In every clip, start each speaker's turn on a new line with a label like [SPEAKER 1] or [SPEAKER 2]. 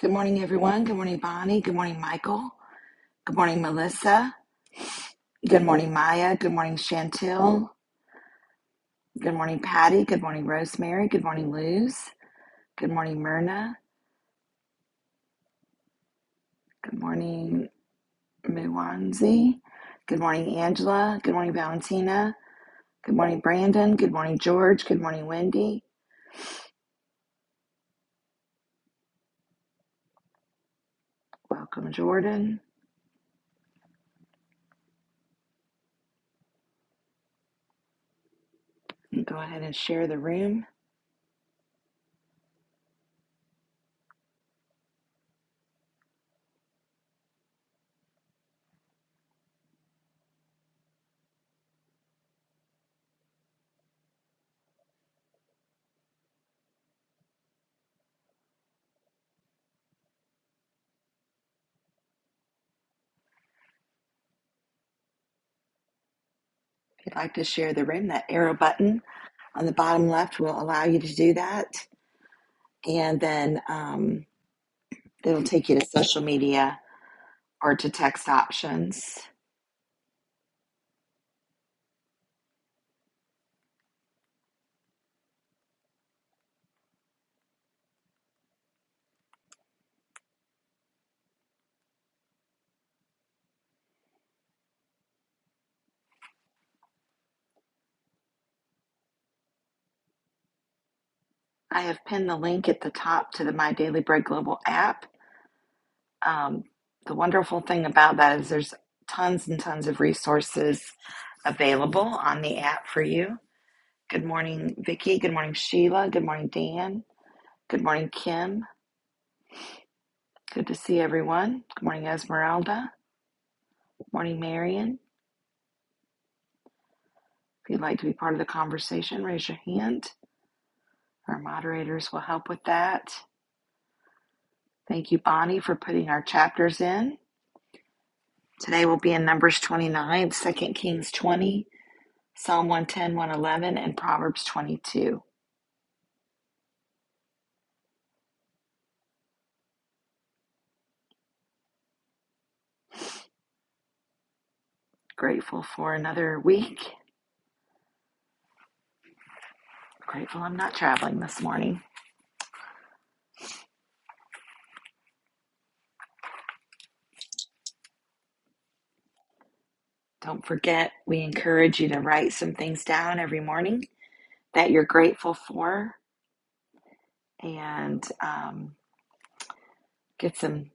[SPEAKER 1] Good morning, everyone. Good morning, Bonnie. Good morning, Michael. Good morning, Melissa. Good morning, Maya. Good morning, Chantel. Good morning, Patty. Good morning, Rosemary. Good morning, Luz. Good morning, Myrna. Good morning, Muwanzi. Good morning, Angela. Good morning, Valentina. Good morning, Brandon. Good morning, George. Good morning, Wendy. Welcome, Jordan. And Go ahead and share the room. If you'd like to share the room, that arrow button on the bottom left will allow you to do that. And then, um, It'll take you to social media or to text options. I have pinned the link at the top to the My Daily Bread Global app. Um, the wonderful thing about that is there's tons and tons of resources available on the app for you. Good morning, Vicki. Good morning, Sheila. Good morning, Dan. Good morning, Kim. Good to see everyone. Good morning, Esmeralda. Good morning, Marion. If you'd like to be part of the conversation, raise your hand. Our moderators will help with that. Thank you, Bonnie, for putting our chapters in. Today we'll be in Numbers 29, Second Kings 20, Psalm one ten, one eleven, and Proverbs 22. Grateful for another week. Grateful I'm not traveling this morning. Don't forget, we encourage you to write some things down every morning that you're grateful for and um, get some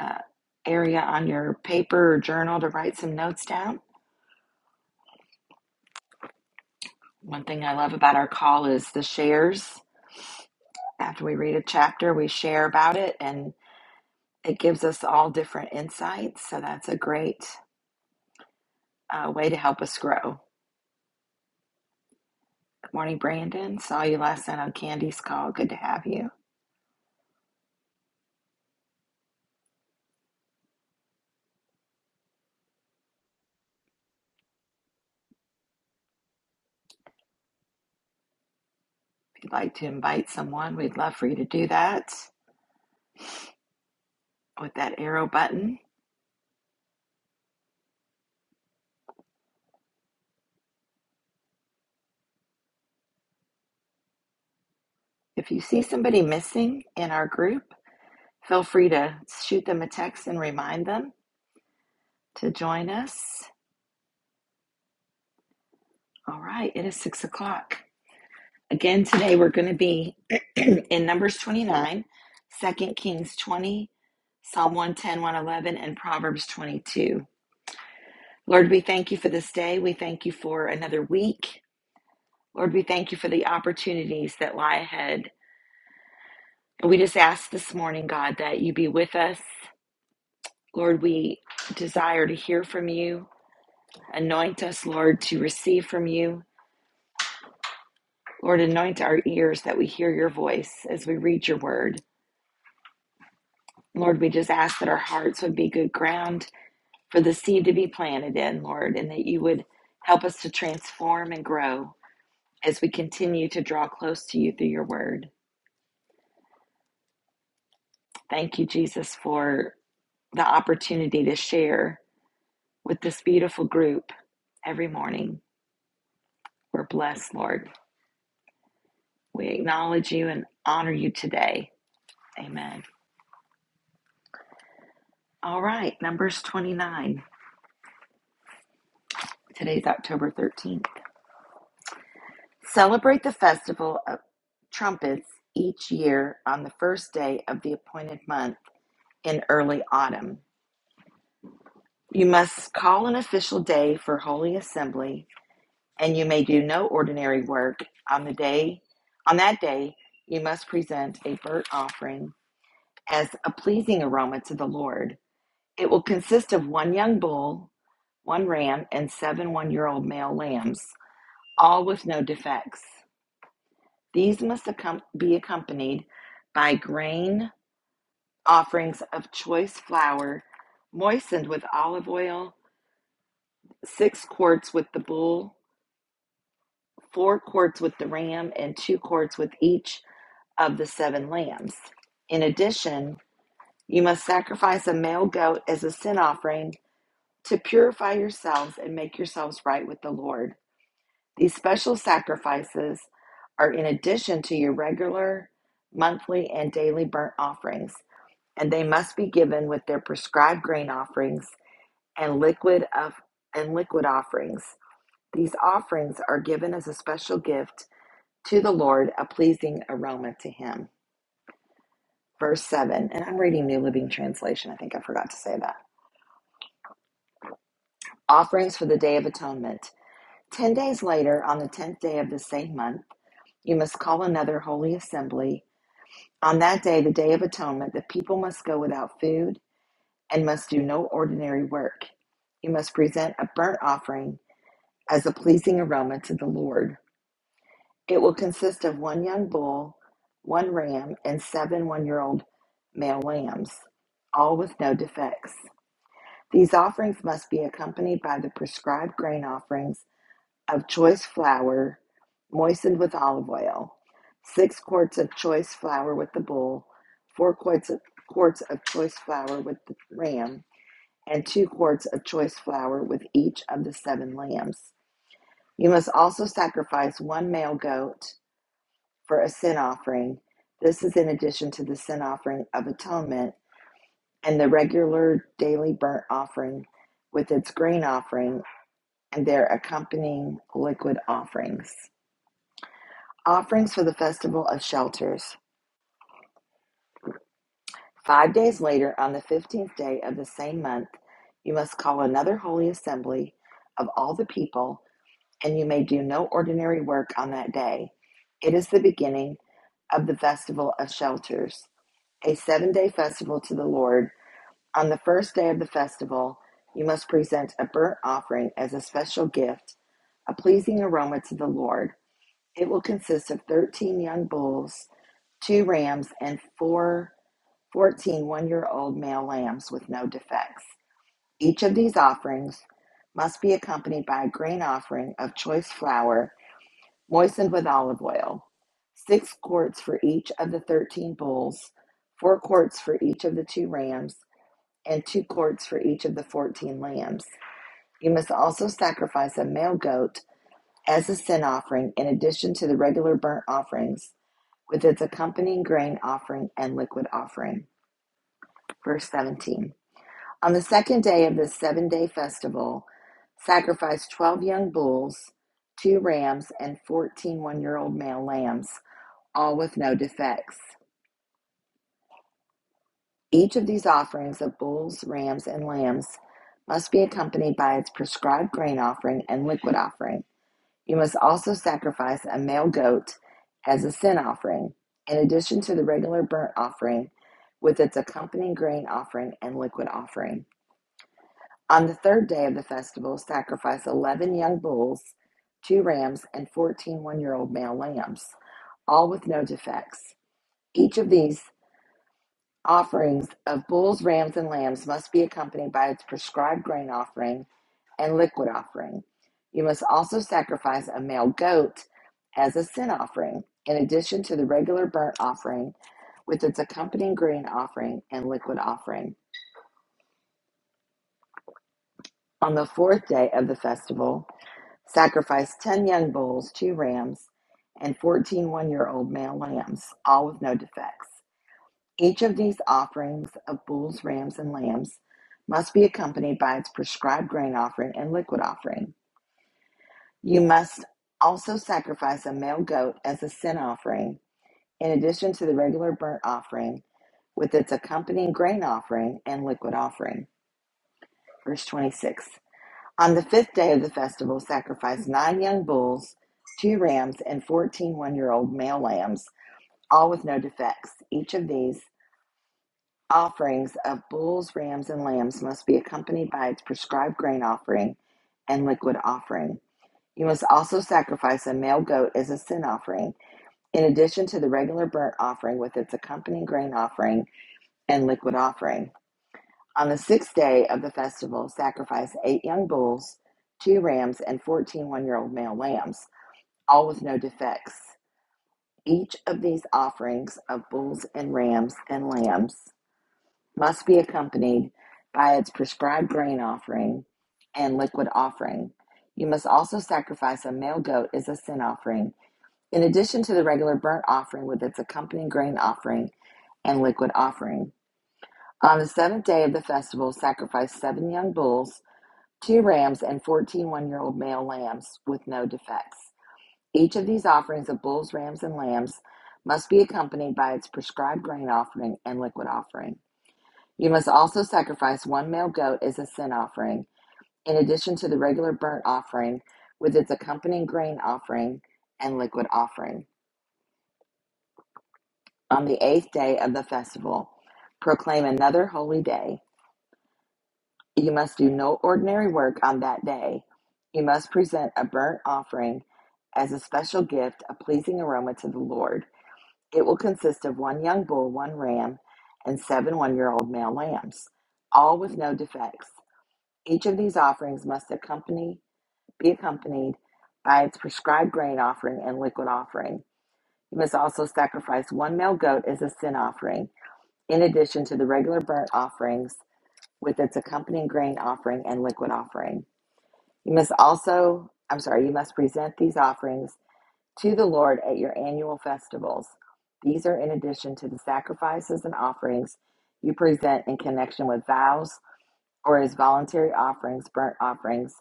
[SPEAKER 1] uh, area on your paper or journal to write some notes down. One thing I love about our call is the shares After we read a chapter, we share about it, and it gives us all different insights. So that's a great uh, way to help us grow. Good morning, Brandon. Saw you last night on Candy's call. Good to have you. If you'd like to invite someone, we'd love for you to do that with that arrow button. If you see somebody missing in our group, feel free to shoot them a text and remind them to join us. All right, it is six o'clock. Again, today we're going to be in Numbers 29, Second Kings 20, Psalm one ten one eleven and Proverbs 22. Lord, we thank you for this day. We thank you for another week. Lord, we thank you for the opportunities that lie ahead. And we just ask this morning, God, that you be with us. Lord, we desire to hear from you. Anoint us, Lord, to receive from you. Lord, anoint our ears that we hear your voice as we read your word. Lord, we just ask that our hearts would be good ground for the seed to be planted in, Lord, and that you would help us to transform and grow as we continue to draw close to you through your word. Thank you, Jesus, for the opportunity to share with this beautiful group every morning. We're blessed, Lord. We acknowledge you and honor you today. Amen. All right, Numbers 29. Today's October 13th. Celebrate the festival of trumpets each year on the first day of the appointed month in early autumn. You must call an official day for holy assembly, and you may do no ordinary work on the day. On that day, you must present a burnt offering as a pleasing aroma to the Lord. It will consist of one young bull, one ram, and seven one year old male lambs, all with no defects. These must be accompanied by grain offerings of choice flour, moistened with olive oil, six quarts with the bull, four quarts with the ram, and two quarts with each of the seven lambs. In addition, you must sacrifice a male goat as a sin offering to purify yourselves and make yourselves right with the Lord. These special sacrifices are in addition to your regular monthly and daily burnt offerings. and they must be given with their prescribed grain offerings and liquid of and liquid offerings. These offerings are given as a special gift to the Lord, a pleasing aroma to him. Verse 7, and I'm reading New Living Translation. I think I forgot to say that. Offerings for the Day of Atonement. Ten days later, on the tenth day of the same month, you must call another holy assembly. On that day, the Day of Atonement, the people must go without food and must do no ordinary work. You must present a burnt offering as a pleasing aroma to the Lord. It will consist of one young bull, one ram, and seven one year old male lambs, all with no defects. These offerings must be accompanied by the prescribed grain offerings of choice flour moistened with olive oil, six quarts of choice flour with the bull, four quarts of, quarts of choice flour with the ram, and two quarts of choice flour with each of the seven lambs. You must also sacrifice one male goat for a sin offering. This is in addition to the sin offering of atonement and the regular daily burnt offering with its grain offering and their accompanying liquid offerings. Offerings for the Festival of Shelters. Five days later, on the 15th day of the same month, you must call another holy assembly of all the people and you may do no ordinary work on that day. It is the beginning of the Festival of Shelters, a seven day festival to the Lord. On the first day of the festival, you must present a burnt offering as a special gift, a pleasing aroma to the Lord. It will consist of 13 young bulls, two rams, and four year old male lambs with no defects. Each of these offerings must be accompanied by a grain offering of choice flour moistened with olive oil, six quarts for each of the 13 bulls, four quarts for each of the two rams, and two quarts for each of the 14 lambs. You must also sacrifice a male goat as a sin offering in addition to the regular burnt offerings with its accompanying grain offering and liquid offering. Verse 17. On the second day of this seven day festival, sacrifice 12 young bulls, two rams, and 141 year old male lambs. all with no defects. Each of these offerings of bulls, rams, and lambs must be accompanied by its prescribed grain offering and liquid offering. You must also sacrifice a male goat as a sin offering, in addition to the regular burnt offering with its accompanying grain offering and liquid offering. On the third day of the festival, sacrifice 11 young bulls, two rams, and 141 year old male lambs, all with no defects. Each of these Offerings of bulls, rams, and lambs must be accompanied by its prescribed grain offering and liquid offering. You must also sacrifice a male goat as a sin offering, in addition to the regular burnt offering with its accompanying grain offering and liquid offering. On the fourth day of the festival, sacrifice 10 young bulls, two rams, and 141 year old male lambs, all with no defects. Each of these offerings of bulls, rams, and lambs must be accompanied by its prescribed grain offering and liquid offering. You must also sacrifice a male goat as a sin offering, in addition to the regular burnt offering with its accompanying grain offering and liquid offering. Verse 26 On the fifth day of the festival, sacrifice nine young bulls, two rams, and fourteen one year old male lambs, all with no defects. Each of these Offerings of bulls, rams, and lambs must be accompanied by its prescribed grain offering and liquid offering. You must also sacrifice a male goat as a sin offering, in addition to the regular burnt offering with its accompanying grain offering and liquid offering. On the sixth day of the festival, sacrifice eight young bulls, two rams, and 141 year old male lambs, all with no defects. Each of these offerings of bulls and rams and lambs must be accompanied by its prescribed grain offering and liquid offering. You must also sacrifice a male goat as a sin offering, in addition to the regular burnt offering with its accompanying grain offering and liquid offering. On the seventh day of the festival, sacrifice seven young bulls, two rams, and fourteen one year old male lambs with no defects. Each of these offerings of bulls, rams, and lambs must be accompanied by its prescribed grain offering and liquid offering. You must also sacrifice one male goat as a sin offering, in addition to the regular burnt offering with its accompanying grain offering and liquid offering. On the eighth day of the festival, proclaim another holy day. You must do no ordinary work on that day. You must present a burnt offering as a special gift, a pleasing aroma to the Lord. It will consist of one young bull, one ram, and seven one year old male lambs, all with no defects. Each of these offerings must accompany, be accompanied by its prescribed grain offering and liquid offering. You must also sacrifice one male goat as a sin offering, in addition to the regular burnt offerings with its accompanying grain offering and liquid offering. You must also, I'm sorry, you must present these offerings to the Lord at your annual festivals. These are in addition to the sacrifices and offerings you present in connection with vows or as voluntary offerings, burnt offerings,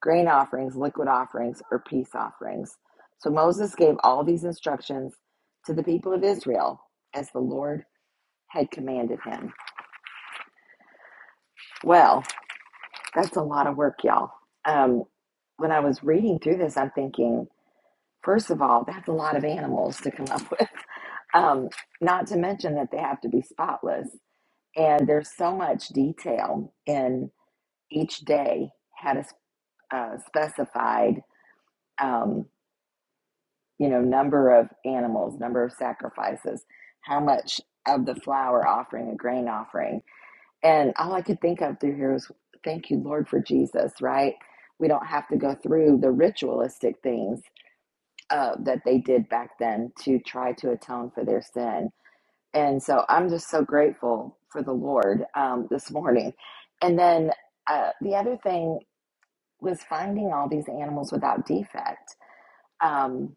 [SPEAKER 1] grain offerings, liquid offerings, or peace offerings. So Moses gave all these instructions to the people of Israel as the Lord had commanded him. Well, that's a lot of work, y'all. Um, when I was reading through this, I'm thinking, first of all, that's a lot of animals to come up with. Um, not to mention that they have to be spotless. And there's so much detail in each day had a uh, specified um, you know, number of animals, number of sacrifices, how much of the flour offering, a grain offering. And all I could think of through here was, thank you, Lord, for Jesus, right? We don't have to go through the ritualistic things uh, that they did back then to try to atone for their sin. And so I'm just so grateful for the Lord um, this morning. And then uh, the other thing was finding all these animals without defect. Um,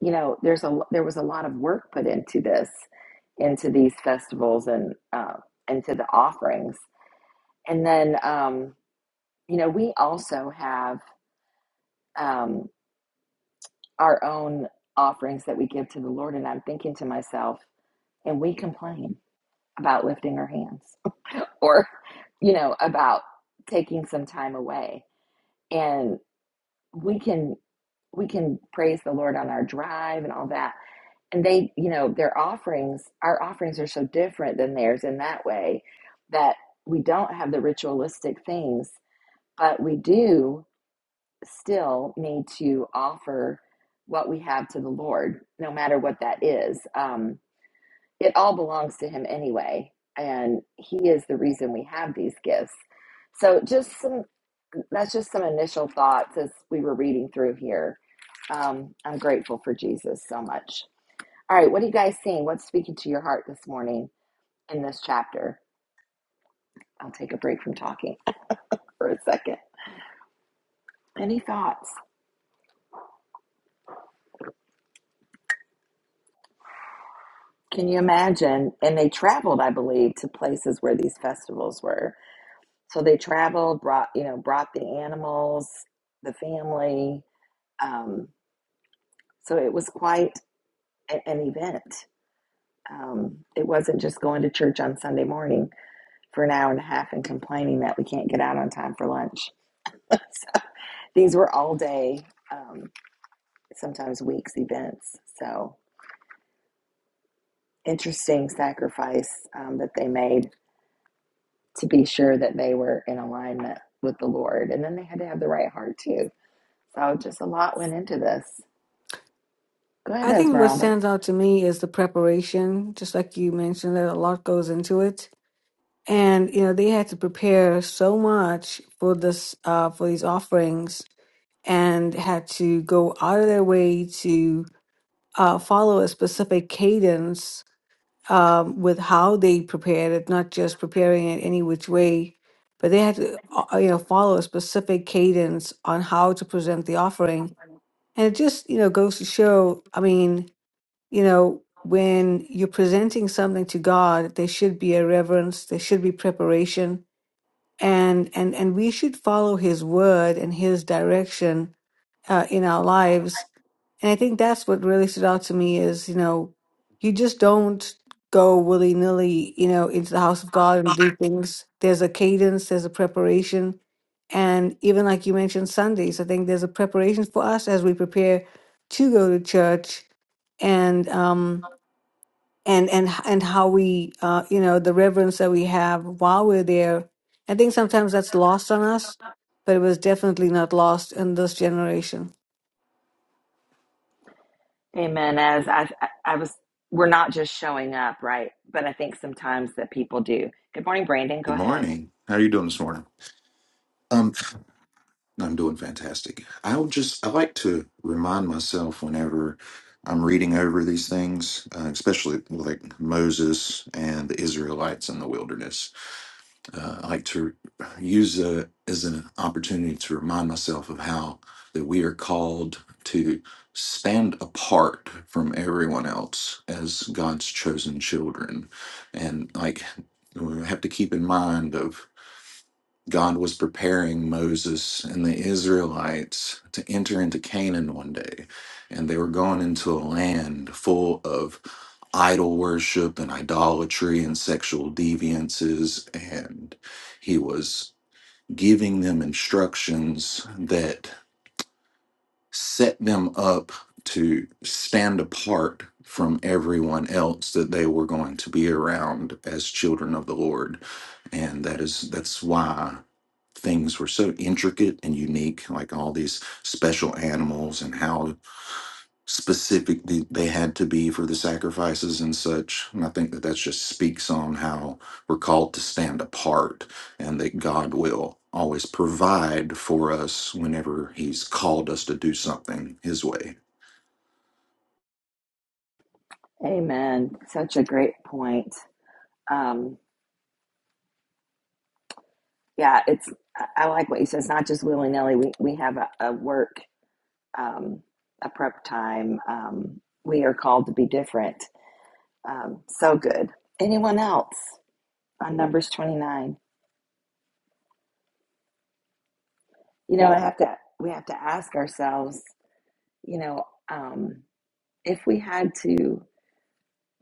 [SPEAKER 1] you know, there's a there was a lot of work put into this, into these festivals and uh, into the offerings, and then um, you know we also have um, our own offerings that we give to the Lord. And I'm thinking to myself, and we complain about lifting our hands or you know about taking some time away, and we can we can praise the Lord on our drive and all that and they you know their offerings our offerings are so different than theirs in that way that we don't have the ritualistic things but we do still need to offer what we have to the lord no matter what that is um, it all belongs to him anyway and he is the reason we have these gifts so just some that's just some initial thoughts as we were reading through here um, i'm grateful for jesus so much all right, what are you guys seeing? What's speaking to your heart this morning in this chapter? I'll take a break from talking for a second. Any thoughts? Can you imagine? And they traveled, I believe, to places where these festivals were. So they traveled, brought you know, brought the animals, the family. Um, so it was quite a- an event. Um, it wasn't just going to church on Sunday morning for an hour and a half and complaining that we can't get out on time for lunch. so these were all day. um, sometimes weeks events. So interesting sacrifice um, that they made to be sure that they were in alignment with the Lord. And then they had to have the right heart too. So just a lot went into this. Go ahead,
[SPEAKER 2] I think what
[SPEAKER 1] Esmeralda.
[SPEAKER 2] stands out to me is the preparation, just like you mentioned, that a lot goes into it. And you know, they had to prepare so much for this uh for these offerings and had to go out of their way to uh follow a specific cadence um with how they prepared it, not just preparing it any which way, but they had to uh, you know follow a specific cadence on how to present the offering. And it just, you know, goes to show, I mean, you know, when you're presenting something to God, there should be a reverence, there should be preparation, and and and we should follow His word and His direction uh, in our lives. And I think that's what really stood out to me is, you know, you just don't go willy nilly, you know, into the house of God and do things. There's a cadence, there's a preparation. And even like you mentioned, Sundays, I think there's a preparation for us as we prepare to go to church. And, um, and and and how we uh you know the reverence that we have while we're there i think sometimes that's lost on us but it was definitely not lost in this generation
[SPEAKER 1] Amen. As I, I, was, we're not just showing up, right? But I think sometimes that people do. Good morning, Brandon. Go
[SPEAKER 3] Good
[SPEAKER 1] ahead.
[SPEAKER 3] morning. How are you doing this morning? Um, I'm doing fantastic. I'll just I like to remind myself whenever I'm reading over these things, uh, especially like Moses and the Israelites in the wilderness. Uh, I like to use a, as an opportunity to remind myself of how that we are called to stand apart from everyone else as God's chosen children, and like we have to keep in mind of God was preparing Moses and the Israelites to enter into Canaan one day. And they were going into a land full of idol worship and idolatry and sexual deviances. And he was giving them instructions that set them up to stand apart from everyone else that they were going to be around as children of the Lord. And that is that's why things were so intricate and unique, like all these special animals and how specific th- they had to be for the sacrifices and such. And I think that that just speaks on how we're called to stand apart and that God will always provide for us whenever He's called us to do something His way.
[SPEAKER 1] Amen. Such a great point. Um, yeah, it's I I like what you said. It's not just willy nilly. We we have a, a work um, a prep time. Um, we are called to be different. Um, so good. Anyone else on Numbers 29? You know, I have to, we have to ask ourselves, you know, um, if we had to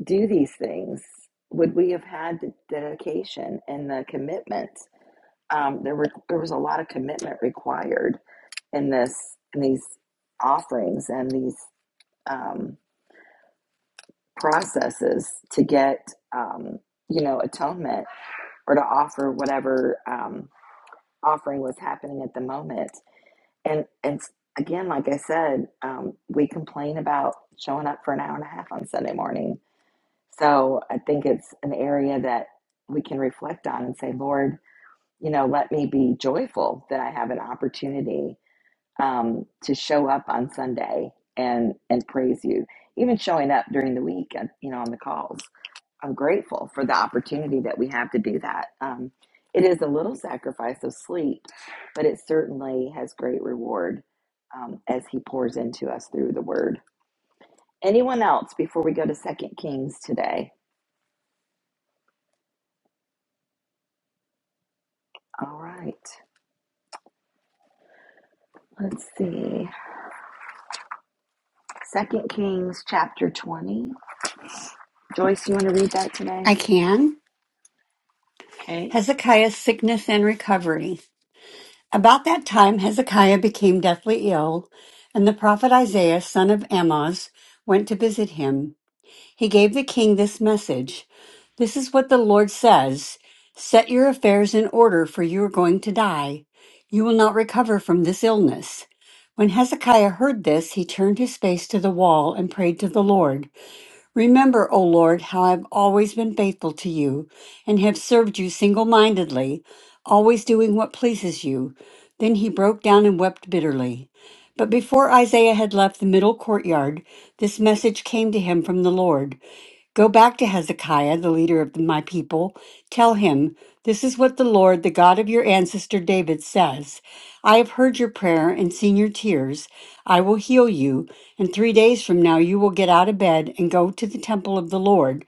[SPEAKER 1] do these things, would we have had the dedication and the commitment? Um, there were there was a lot of commitment required in this in these offerings and these um, processes to get um, you know atonement or to offer whatever um, offering was happening at the moment and and again like i said um, we complain about showing up for an hour and a half on sunday morning so i think it's an area that we can reflect on and say lord you know let me be joyful that i have an opportunity um, to show up on sunday and and praise you even showing up during the week uh, you know on the calls I'm grateful for the opportunity that we have to do that. Um, it is a little sacrifice of sleep, but it certainly has great reward um, as He pours into us through the Word. Anyone else before we go to Second Kings today? All right, let's see. Second Kings chapter twenty. Joyce, you want to read that today?
[SPEAKER 4] I can.
[SPEAKER 1] Okay.
[SPEAKER 4] Hezekiah's sickness and recovery. About that time, Hezekiah became deathly ill, and the prophet Isaiah, son of Amoz, went to visit him. He gave the king this message This is what the Lord says Set your affairs in order, for you are going to die. You will not recover from this illness. When Hezekiah heard this, he turned his face to the wall and prayed to the Lord. Remember, O Lord, how I've always been faithful to you and have served you single mindedly, always doing what pleases you. Then he broke down and wept bitterly. But before Isaiah had left the middle courtyard, this message came to him from the Lord. Go back to Hezekiah, the leader of my people. Tell him, This is what the Lord, the God of your ancestor David, says I have heard your prayer and seen your tears. I will heal you, and three days from now you will get out of bed and go to the temple of the Lord.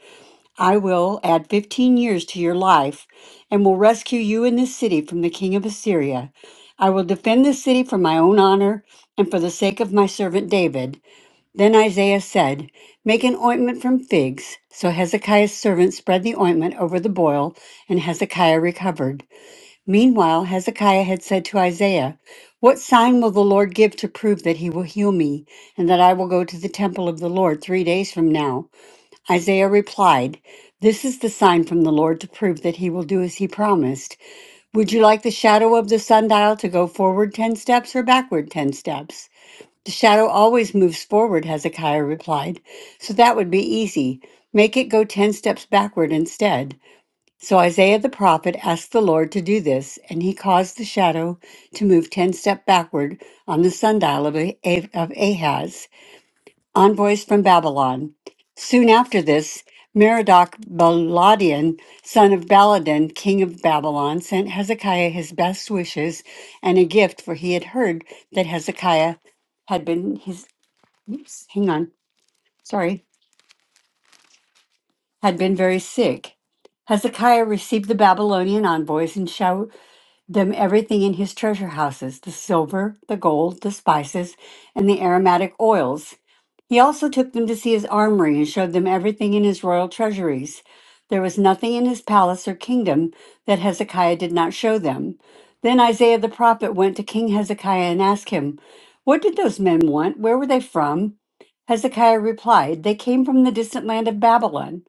[SPEAKER 4] I will add 15 years to your life and will rescue you and this city from the king of Assyria. I will defend this city for my own honor and for the sake of my servant David. Then Isaiah said, Make an ointment from figs. So Hezekiah's servant spread the ointment over the boil, and Hezekiah recovered. Meanwhile, Hezekiah had said to Isaiah, What sign will the Lord give to prove that he will heal me, and that I will go to the temple of the Lord three days from now? Isaiah replied, This is the sign from the Lord to prove that he will do as he promised. Would you like the shadow of the sundial to go forward 10 steps or backward 10 steps? The shadow always moves forward, Hezekiah replied, so that would be easy. Make it go ten steps backward instead. So Isaiah the prophet asked the Lord to do this, and he caused the shadow to move ten steps backward on the sundial of, Ah- of Ahaz, envoys from Babylon. Soon after this, Merodach Baladan, son of Baladan, king of Babylon, sent Hezekiah his best wishes and a gift, for he had heard that Hezekiah had been his hang on, sorry, had been very sick. Hezekiah received the Babylonian envoys and showed them everything in his treasure houses the silver, the gold, the spices, and the aromatic oils. He also took them to see his armory and showed them everything in his royal treasuries. There was nothing in his palace or kingdom that Hezekiah did not show them. Then Isaiah the prophet went to King Hezekiah and asked him, What did those men want? Where were they from? Hezekiah replied, They came from the distant land of Babylon.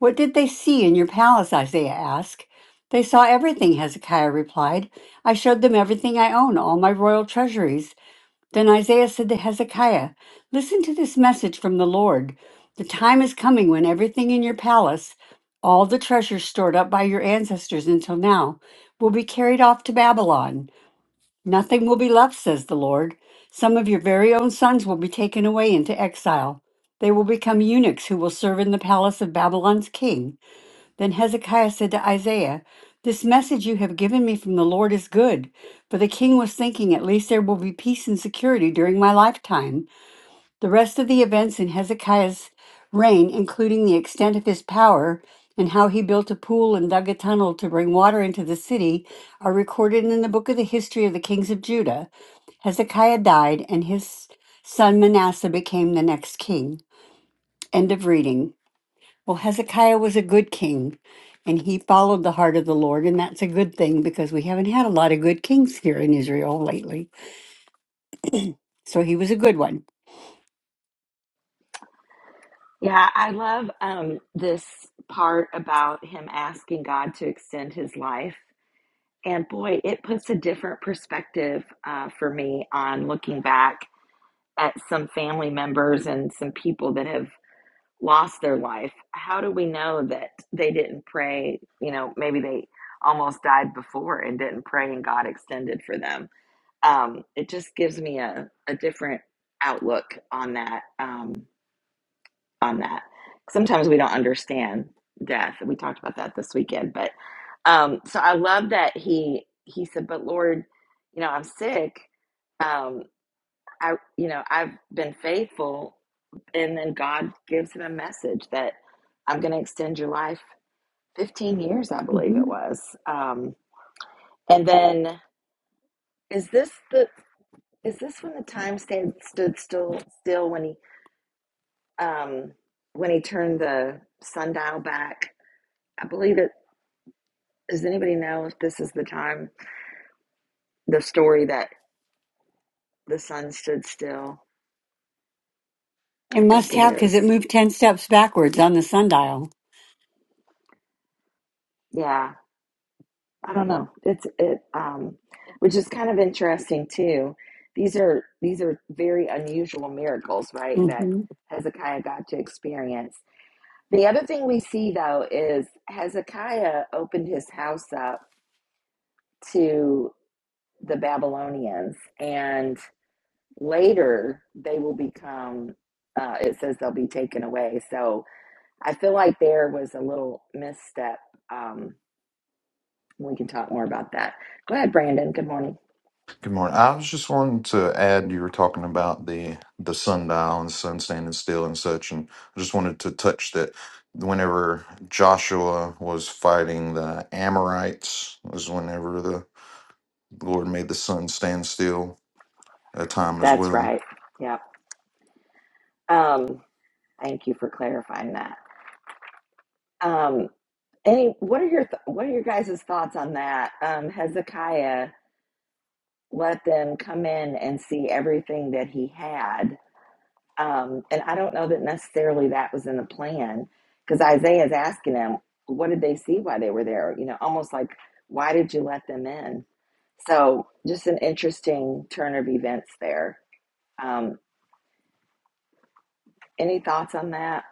[SPEAKER 4] What did they see in your palace? Isaiah asked. They saw everything, Hezekiah replied. I showed them everything I own, all my royal treasuries. Then Isaiah said to Hezekiah, Listen to this message from the Lord. The time is coming when everything in your palace, all the treasures stored up by your ancestors until now, will be carried off to Babylon. Nothing will be left, says the Lord. Some of your very own sons will be taken away into exile. They will become eunuchs who will serve in the palace of Babylon's king. Then Hezekiah said to Isaiah, This message you have given me from the Lord is good. For the king was thinking, At least there will be peace and security during my lifetime. The rest of the events in Hezekiah's reign, including the extent of his power and how he built a pool and dug a tunnel to bring water into the city, are recorded in the book of the history of the kings of Judah. Hezekiah died, and his son Manasseh became the next king. End of reading. Well, Hezekiah was a good king and he followed the heart of the Lord. And that's a good thing because we haven't had a lot of good kings here in Israel lately. So he was a good one.
[SPEAKER 1] Yeah, I love um, this part about him asking God to extend his life And boy, it puts a different perspective uh, for me on looking back at some family members and some people that have lost their life. How do we know that they didn't pray? You know, maybe they almost died before and didn't pray and God extended for them. Um, it just gives me a, a different outlook on that. Um, on that. Sometimes we don't understand death. We talked about that this weekend, but um, so I love that he he said, "But Lord, you know I'm sick. Um, I you know I've been faithful." And then God gives him a message that I'm going to extend your life 15 years, I believe it
[SPEAKER 4] hmm
[SPEAKER 1] was. Um, and then is this the is this when the time stand, stood still still when he um, when he turned the sundial back? I believe it Does anybody know if this is the time, the story that the sun stood still? I
[SPEAKER 4] And
[SPEAKER 1] think
[SPEAKER 4] must
[SPEAKER 1] it
[SPEAKER 4] have because
[SPEAKER 1] is.
[SPEAKER 4] it moved 10 steps backwards on the sundial.
[SPEAKER 1] Yeah, I don't know. It's it, um, which is kind of interesting too. These are these are very unusual miracles, right? That
[SPEAKER 4] Mm-hmm.
[SPEAKER 1] Hezekiah got to experience. The other thing we see though is Hezekiah opened his house up to the Babylonians, and later they will become. Uh, it says they'll be taken away. So I feel like there was a little misstep. Um, we can talk more about that. Go ahead, Brandon. Good morning.
[SPEAKER 3] Good morning. I was just wanting to add, you were talking about the the sundial and the sun standing still and such, and I just wanted to touch that. Whenever Joshua was fighting the Amorites, was whenever the Lord made the sun stand still that time as
[SPEAKER 1] That's
[SPEAKER 3] well.
[SPEAKER 1] right. Yep. Um, thank you for clarifying that. Um, any, what are your th- what are your guys' thoughts on that? Um, Hezekiah let them come in and see everything that he had, Um, and I don't know that necessarily that was in the plan because Isaiah's asking them, what did they see while they were there? You know, almost like, why did you let them in? So just an interesting turn of events there. Um, any thoughts on that?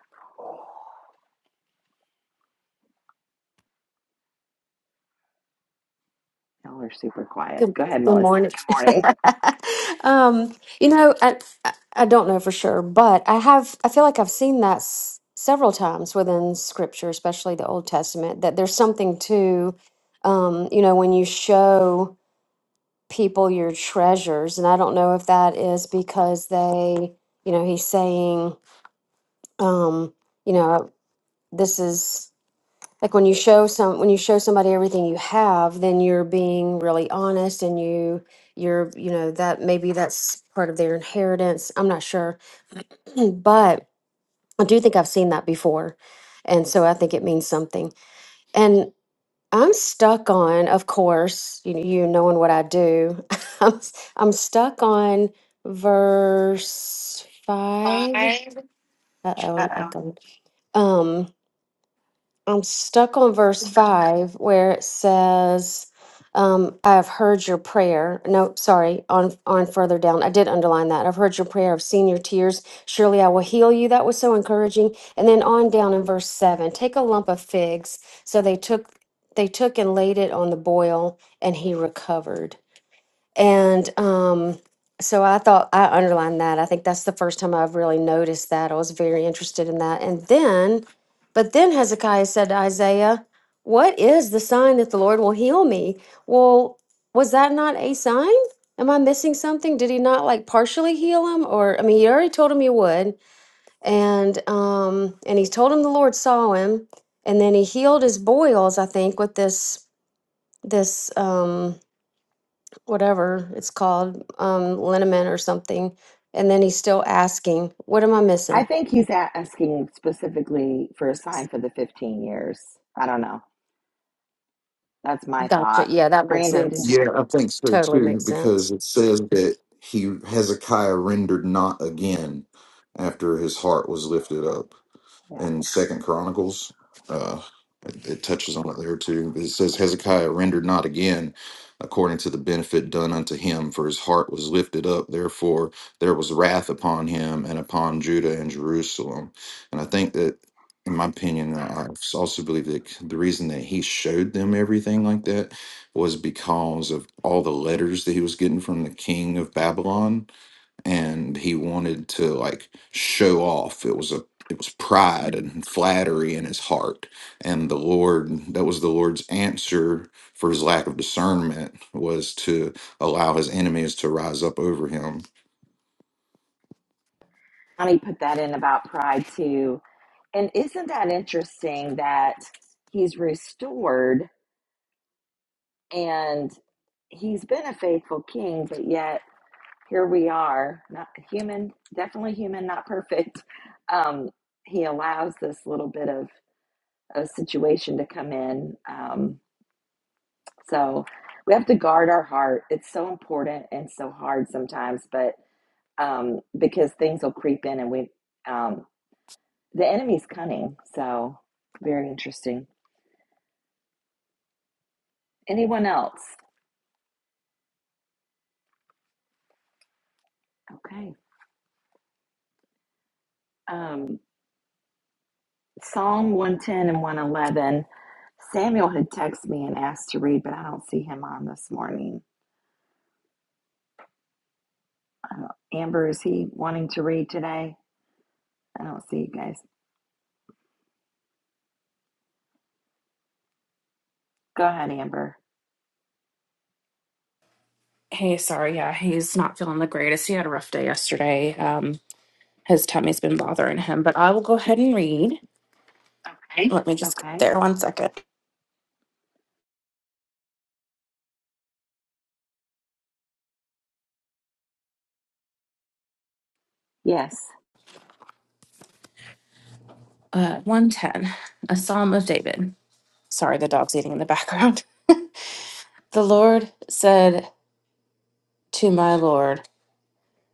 [SPEAKER 1] Y'all are super quiet.
[SPEAKER 5] Good,
[SPEAKER 1] Go ahead,
[SPEAKER 5] good
[SPEAKER 1] Melissa.
[SPEAKER 5] morning.
[SPEAKER 1] Good morning.
[SPEAKER 5] um, you know, I, I I don't know for sure, but I have, I feel like I've seen that s- several times within scripture, especially the Old Testament, that there's something to, um, you know, when you show people your treasures. And I don't know if that is because they, you know, he's saying, um, you know, this is like when you show some when you show somebody everything you have then you're being really honest and you you're you know that maybe that's part of their inheritance i'm not sure but i do think i've seen that before and so i think it means something and i'm stuck on of course you, you knowing what i do I'm, s- I'm stuck on verse five uh-oh i'm echoing Um. I'm stuck on verse five where it says, um, I have heard your prayer. No, sorry, on on further down. I did underline that. I've heard your prayer. I've seen your tears. Surely I will heal you. That was so encouraging. And then on down in verse seven, take a lump of figs. So they took they took and laid it on the boil and he recovered. And um, so I thought I underlined that. I think that's the first time I've really noticed that. I was very interested in that. And then, but then Hezekiah said to Isaiah, What is the sign that the Lord will heal me? Well, was that not a sign? Am I missing something? Did he not like partially heal him? Or, I mean, he already told him he would. And, um, and he told him the Lord saw him. And then he healed his boils, I think, with this, this, um, whatever it's called, um, liniment or something. And then he's still asking, what am I
[SPEAKER 1] I
[SPEAKER 5] missing?
[SPEAKER 1] think he's a- asking specifically for a sign for the 15 years. I don't know. That's my thought.
[SPEAKER 5] Gotcha. Yeah, that makes
[SPEAKER 1] Brandon, did
[SPEAKER 5] sense.
[SPEAKER 1] you?
[SPEAKER 3] Yeah, I think so
[SPEAKER 5] Totally
[SPEAKER 3] too,
[SPEAKER 5] makes sense.
[SPEAKER 3] because it says that he Hezekiah rendered not again after his heart was lifted up.
[SPEAKER 1] Yeah.
[SPEAKER 3] in Second Chronicles. Uh, it, it touches on it there too. It says Hezekiah rendered not again, according to the benefit done unto him, for his heart was lifted up. Therefore there was wrath upon him and upon Judah and Jerusalem. And I think that, in my opinion, I also believe that the reason that he showed them everything like that was because of all the letters that he was getting from the king of Babylon and he wanted to like show off it was a it was pride
[SPEAKER 1] mm-hmm.
[SPEAKER 3] and flattery in his heart and the lord that was the lord's answer for his lack of discernment was to allow his enemies to rise up over him
[SPEAKER 1] Johnny put that in about pride too. And isn't that interesting that he's restored and he's been a faithful king, but yet here we are, not human, definitely human, not perfect. Um, he allows this little bit of a situation to come in. Um, so we have to guard our heart. It's so important and so hard sometimes, but um, because things will creep in and we, um, the enemy's cunning. So very interesting. Anyone else? Okay. Um, Psalm 110 and 111. Samuel had texted me and asked to read, but I don't see him on this morning. I don't- Amber, is he wanting to read today? I don't see you guys. Go ahead, Amber.
[SPEAKER 6] Hey, sorry. Yeah, he's not feeling the greatest. He had a rough day yesterday. Um, his tummy's been bothering him, but I will go ahead and read. Okay. Let me just get
[SPEAKER 1] Okay.
[SPEAKER 6] there one second.
[SPEAKER 1] Yes.
[SPEAKER 6] Uh, 110, a psalm of David. Sorry, the dog's eating in the background. The Lord said to my Lord,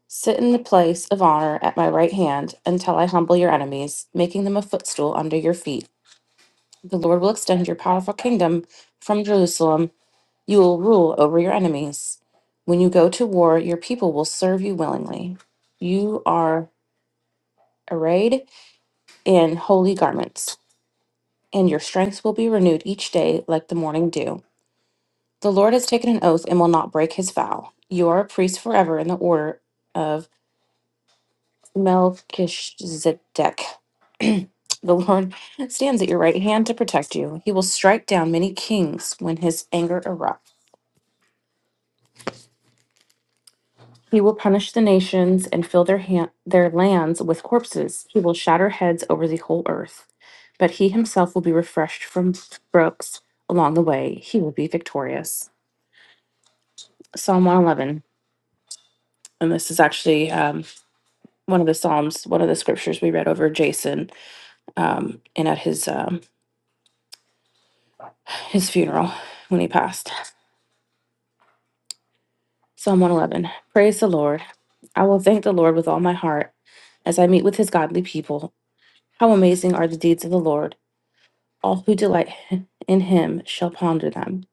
[SPEAKER 6] Sit in the place of honor at my right hand until I humble your enemies, making them a footstool under your feet. The Lord will extend your powerful kingdom from Jerusalem You will rule over your enemies. When you go to war, your people will serve you willingly. You are arrayed in holy garments, and your strength will be renewed each day like the morning dew. The Lord has taken an oath and will not break his vow. You are a priest forever in the order of Melchizedek. the Lord stands at your right hand to protect you. He will strike down many kings when his anger erupts. He will punish the nations and fill their ha- their lands with corpses. He will shatter heads over the whole earth. But he himself will be refreshed from brooks along the way. He will be victorious. Psalm 111. And this is actually um, one of the psalms, one of the scriptures we read over Jason um, and at his um, his funeral when he passed. Psalm 111. Praise the Lord. I will thank the Lord with all my heart as I meet with his godly people. How amazing are the deeds of the Lord! All who delight in him shall ponder them.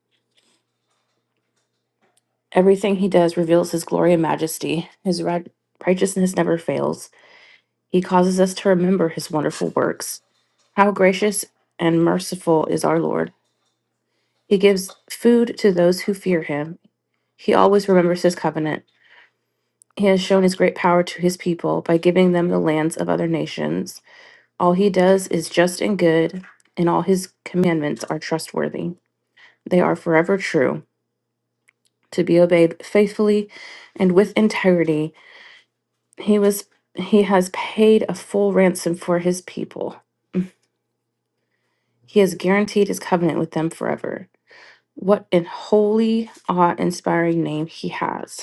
[SPEAKER 6] Everything he does reveals his glory and majesty. His right- righteousness never fails. He causes us to remember his wonderful works. How gracious and merciful is our Lord! He gives food to those who fear him. He always remembers his covenant. He has shown his great power to his people by giving them the lands of other nations. All he does is just and good, and all his commandments are trustworthy. They are forever true. to be obeyed faithfully and with integrity. He was he has paid a full ransom for his people. He has guaranteed his covenant with them forever. What an holy, awe-inspiring name he has.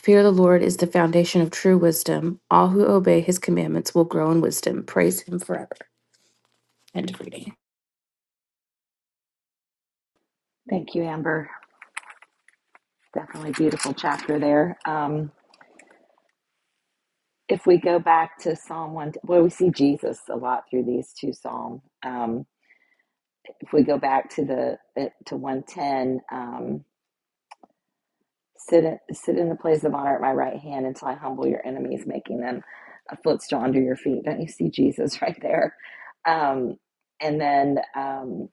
[SPEAKER 6] Fear the Lord is the foundation of true wisdom. All who obey his commandments will grow in wisdom. Praise him forever. End of reading.
[SPEAKER 1] Thank you, Amber. Definitely beautiful chapter there. Um, if we go back to Psalm 1, well, we see Jesus a lot through these two Psalms. if we go back to the eh, to 110 um, sit in, sit in the place of honor at my right hand until i humble your enemies making them a footstool under your feet don't you see jesus right there um, and then um,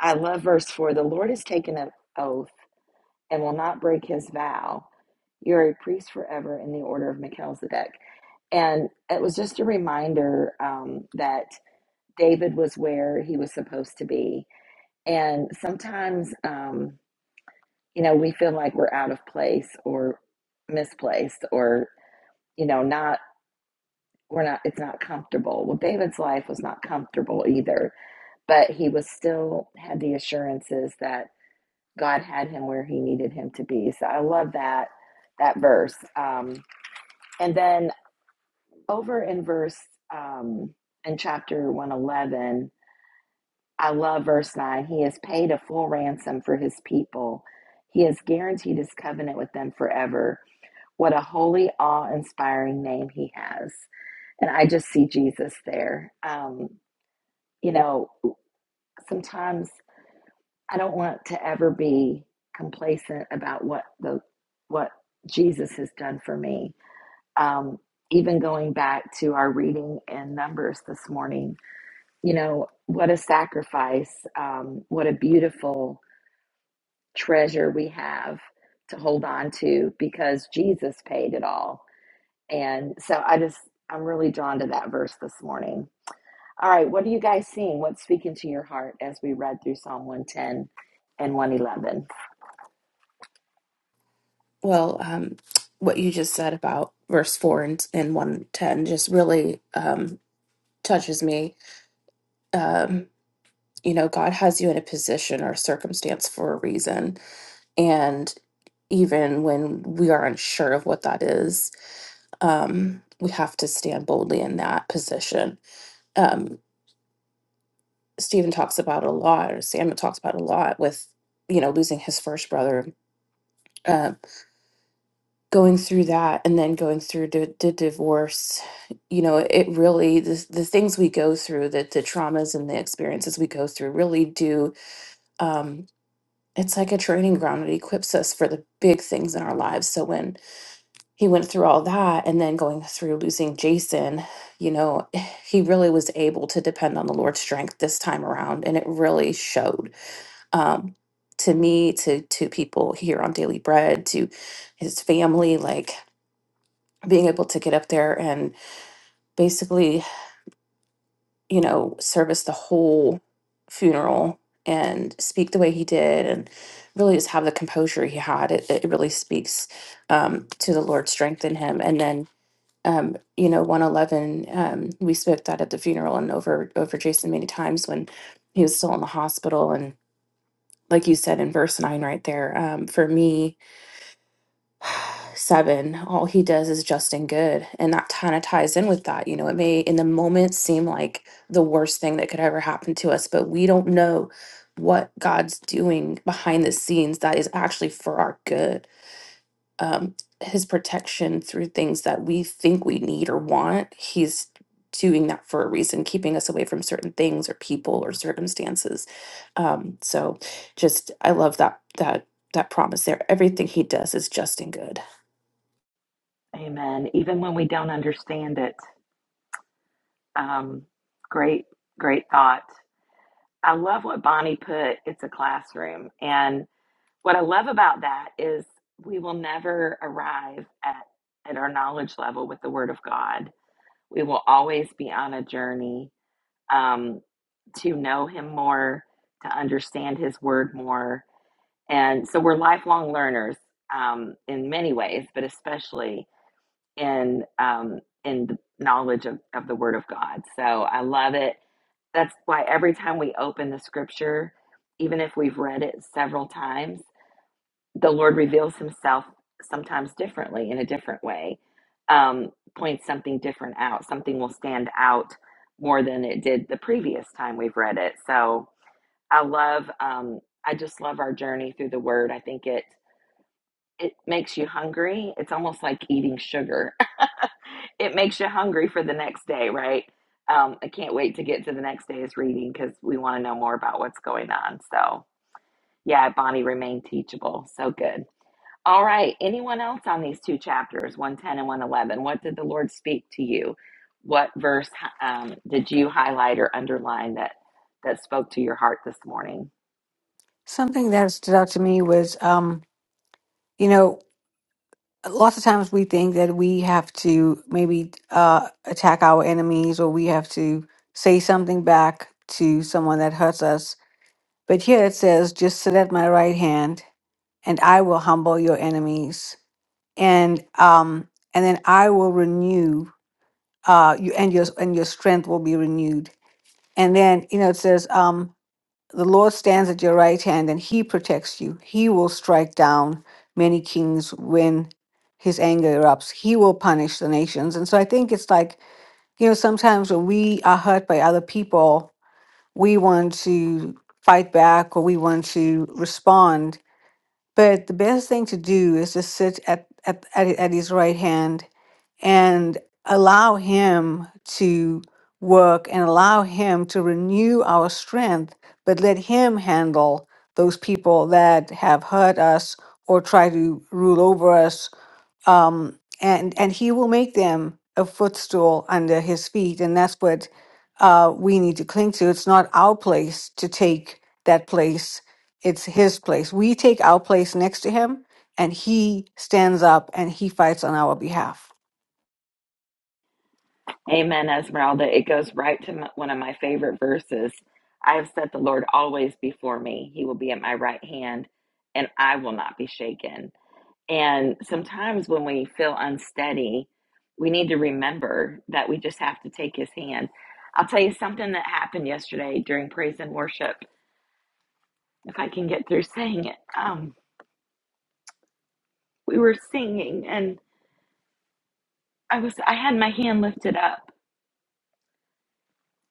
[SPEAKER 1] i love verse 4 the lord has taken an oath and will not break his vow you're a priest forever in the order of melchizedek and it was just a reminder um, that david was where he was supposed to be and sometimes um, you know, we feel like we're out of place or misplaced or, you know, not, we're not, it's not comfortable. Well, David's life was not comfortable either, but he was still had the assurances that God had him where he needed him to be. So I love that, that verse. Um, and then over in verse, um, in chapter 111, I love verse 9. He has paid a full ransom for his people. He has guaranteed his covenant with them forever What a holy, awe inspiring name he has. And I just see Jesus there. Um, you know, sometimes I don't want to ever be complacent about what the what Jesus has done for me. Um, even going back to our reading in Numbers this morning, you know, what a sacrifice, um, what a beautiful treasure we have to hold on to because Jesus paid it all And so I just, I'm really drawn to that verse this morning. All right, what are you guys seeing? What's speaking to your heart as we read through Psalm 110 and 111?
[SPEAKER 6] Well, um, what you just said about verse 4 and, and 110 just really um, touches me. Um, you know, God has you in a position or circumstance for a reason. And even when we are unsure of what that is, um, we have to stand boldly in that position. Um, Stephen talks about a lot, or Samuel talks about a lot with, you know, losing his first brother, uh, going through that and then going through the, the divorce. You know, it really, the, the things we go through, the, the traumas and the experiences we go through really do. Um, it's like a training ground. and It equips us for the big things in our lives. So when he went through all that and then going through losing Jason, you know, he really was able to depend on the Lord's strength this time around. And it really showed um, to me, to to people here on Daily Bread, to his family, like being able to get up there and basically you know, service the whole funeral and speak the way he did and really just have the composure he had. It, it really speaks um, to the Lord strengthen him. And then, um, you know, 111, um, we spoke that at the funeral and over, over Jason many times when he was still in the hospital. And like you said in verse nine right there, um, for me, seven, all he does is just and good. And that kind of ties in with that. You know, it may in the moment seem like the worst thing that could ever happen to us, but we don't know what God's doing behind the scenes that is actually for our good um, his protection through things that we think we need or want. He's doing that for a reason, keeping us away from certain things or people or circumstances. Um, so, just I love that that that promise there. Everything he does is just and good.
[SPEAKER 1] Amen. Even when we don't understand it. Um, great, great thought. I love what Bonnie put. It's a classroom. And what I love about that is we will never arrive at, at our knowledge level with the Word of God. We will always be on a journey um, to know Him more, to understand His Word more. And so we're lifelong learners um, in many ways, but especially in um, in the knowledge of, of the Word of God. So I love it. That's why every time we open the Scripture, even if we've read it several times the Lord reveals himself sometimes differently in a different way, um, points something different out. Something will stand out more than it did the previous time we've read it. So I love, um, I just love our journey through the Word. I think it it makes you hungry. It's almost like eating sugar. it makes you hungry for the next day, right? Um, I can't wait to get to the next day's reading because we want to know more about what's going on. So, yeah, Bonnie, remain teachable. So good. All right. Anyone else on these two chapters, 110 and 111? What did the Lord speak to you? What verse um, did you highlight or underline that that spoke to your heart this morning?
[SPEAKER 2] something that stood out to me was um you know lots of times we think that we have to maybe uh attack our enemies or we have to say something back to someone that hurts us but here it says just sit at my right hand and i will humble your enemies and um and then I will renew. uh, you and your and your strength will be renewed. And then you know it says, um, "The Lord stands at your right hand, and He protects you. He will strike down many kings when His anger erupts. He will punish the nations." And so I think it's like you know sometimes when we are hurt by other people, we want to fight back or we want to respond. But the best thing to do is to sit at at, at, at His right hand and allow Him to work and allow Him to renew our strength, but let Him handle those people that have hurt us or try to rule over us. Um, and, and He will make them a footstool under His feet. And that's what uh, we need to cling to. It's not our place to take that place, it's His place. We take our place next to Him. And he stands up and he fights on our behalf.
[SPEAKER 1] Amen, Esmeralda. It goes right to m one of my favorite verses. I have set the Lord always before me. He will be at my right hand, and I will not be shaken. And sometimes when we feel unsteady, we need to remember that we just have to take his hand. I'll tell you something that happened yesterday during praise and worship, if I can get through saying it. Um, we were singing and I was I had my hand lifted up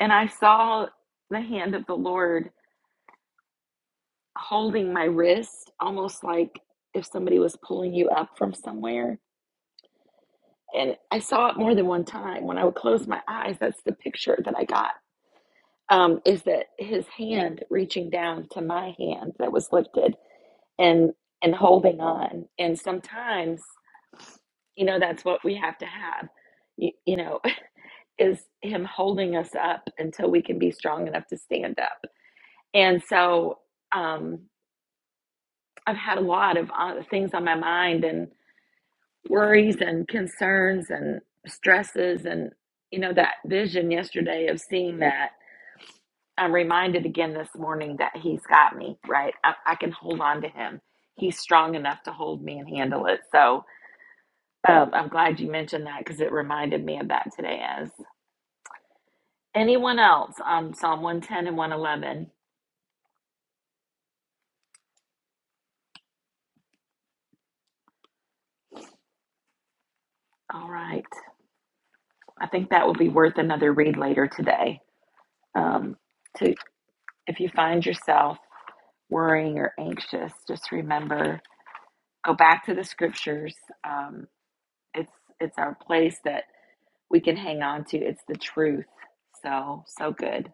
[SPEAKER 1] and I saw the hand of the Lord holding my wrist almost like if somebody was pulling you up from somewhere. And I saw it more than one time. When I would close my eyes, that's the picture that I got um, is that his hand reaching down to my hand that was lifted and and holding on and sometimes you know that's what we have to have you, you know is him holding us up until we can be strong enough to stand up and so um, i've had a lot of uh, things on my mind and worries and concerns and stresses and you know that vision yesterday of seeing that I'm reminded again this morning that he's got me, right? I, I can hold on to him. He's strong enough to hold me and handle it. So um, I'm glad you mentioned that because it reminded me of that today. As anyone else on Psalm 110 and 111? All right. I think that will be worth another read later today. Um, to If you find yourself worrying or anxious, just remember go back to the scriptures. Um, it's, it's our place that we can hang on to. It's the truth. So, so good.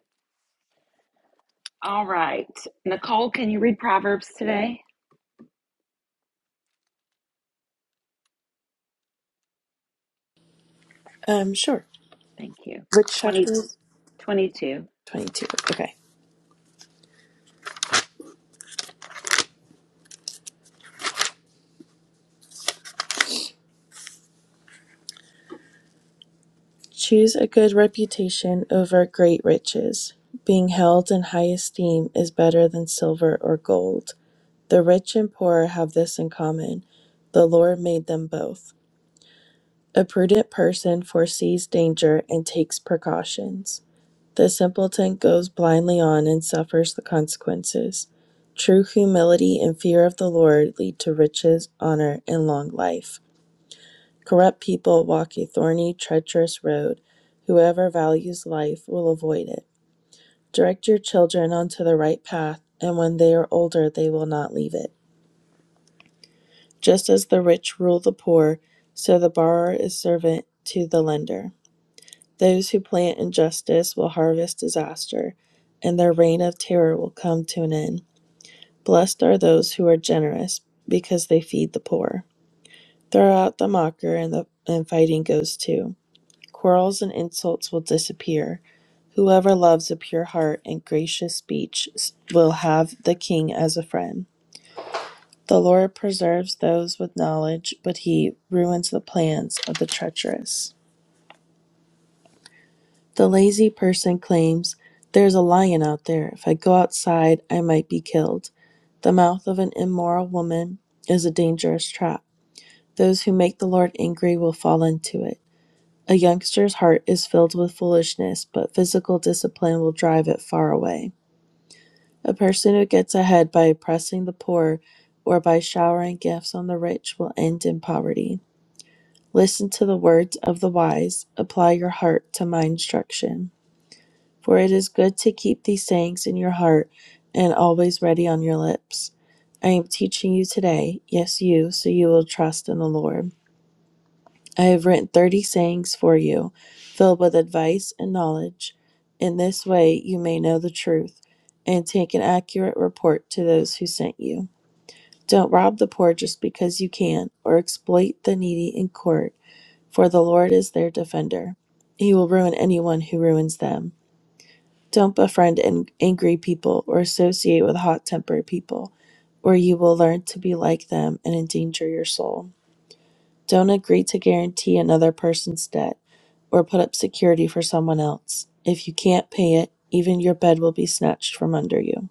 [SPEAKER 1] All right. Nicole, can you read Proverbs today?
[SPEAKER 7] Um, sure.
[SPEAKER 1] Thank you.
[SPEAKER 7] Which
[SPEAKER 1] 20
[SPEAKER 7] chapter?
[SPEAKER 1] 22.
[SPEAKER 7] 22. Okay. Choose a good reputation over great riches. Being held in high esteem is better than silver or gold. The rich and poor have this in common. The Lord made them both. A prudent person foresees danger and takes precautions. The simpleton goes blindly on and suffers the consequences. True humility and fear of the Lord lead to riches, honor, and long life. Corrupt people walk a thorny, treacherous road. Whoever values life will avoid it. Direct your children onto the right path, and when they are older, they will not leave it. Just as the rich rule the poor, so the borrower is servant to the lender. Those who plant injustice will harvest disaster, and their reign of terror will come to an end. Blessed are those who are generous, because they feed the poor. Throw out the mocker, and the and fighting goes too. Quarrels and insults will disappear. Whoever loves a pure heart and gracious speech will have the king as a friend. The Lord preserves those with knowledge, but he ruins the plans of the treacherous. The lazy person claims, There's a lion out there. If I go outside, I might be killed. The mouth of an immoral woman is a dangerous trap. Those who make the Lord angry will fall into it. A youngster's heart is filled with foolishness, but physical discipline will drive it far away. A person who gets ahead by oppressing the poor or by showering gifts on the rich will end in poverty. Listen to the words of the wise, apply your heart to my instruction. For it is good to keep these sayings in your heart and always ready on your lips. I am teaching you today, yes, you, so you will trust in the Lord. I have written thirty sayings for you, filled with advice and knowledge. In this way you may know the truth and take an accurate report to those who sent you. Don't rob the poor just because you can, or exploit the needy in court, for the Lord is their defender. He will ruin anyone who ruins them. Don't befriend angry people or associate with hot tempered people, or you will learn to be like them and endanger your soul. Don't agree to guarantee another person's debt or put up security for someone else. If you can't pay it, even your bed will be snatched from under you.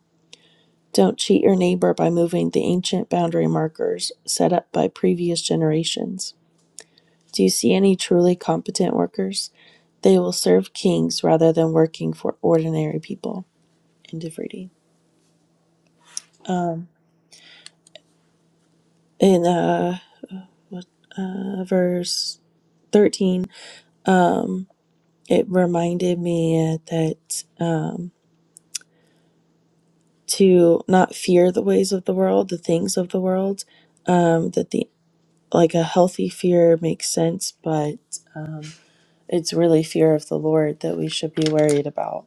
[SPEAKER 7] Don't cheat your neighbor by moving the ancient boundary markers set up by previous generations. Do you see any truly competent workers? They will serve kings rather than working for ordinary people. End of reading. Um, in uh, uh, verse 13, it reminded me that uh, to not fear the ways of the world, the things of the world, um, that the. like a healthy fear makes sense, but it's really fear of the Lord that we should be worried about.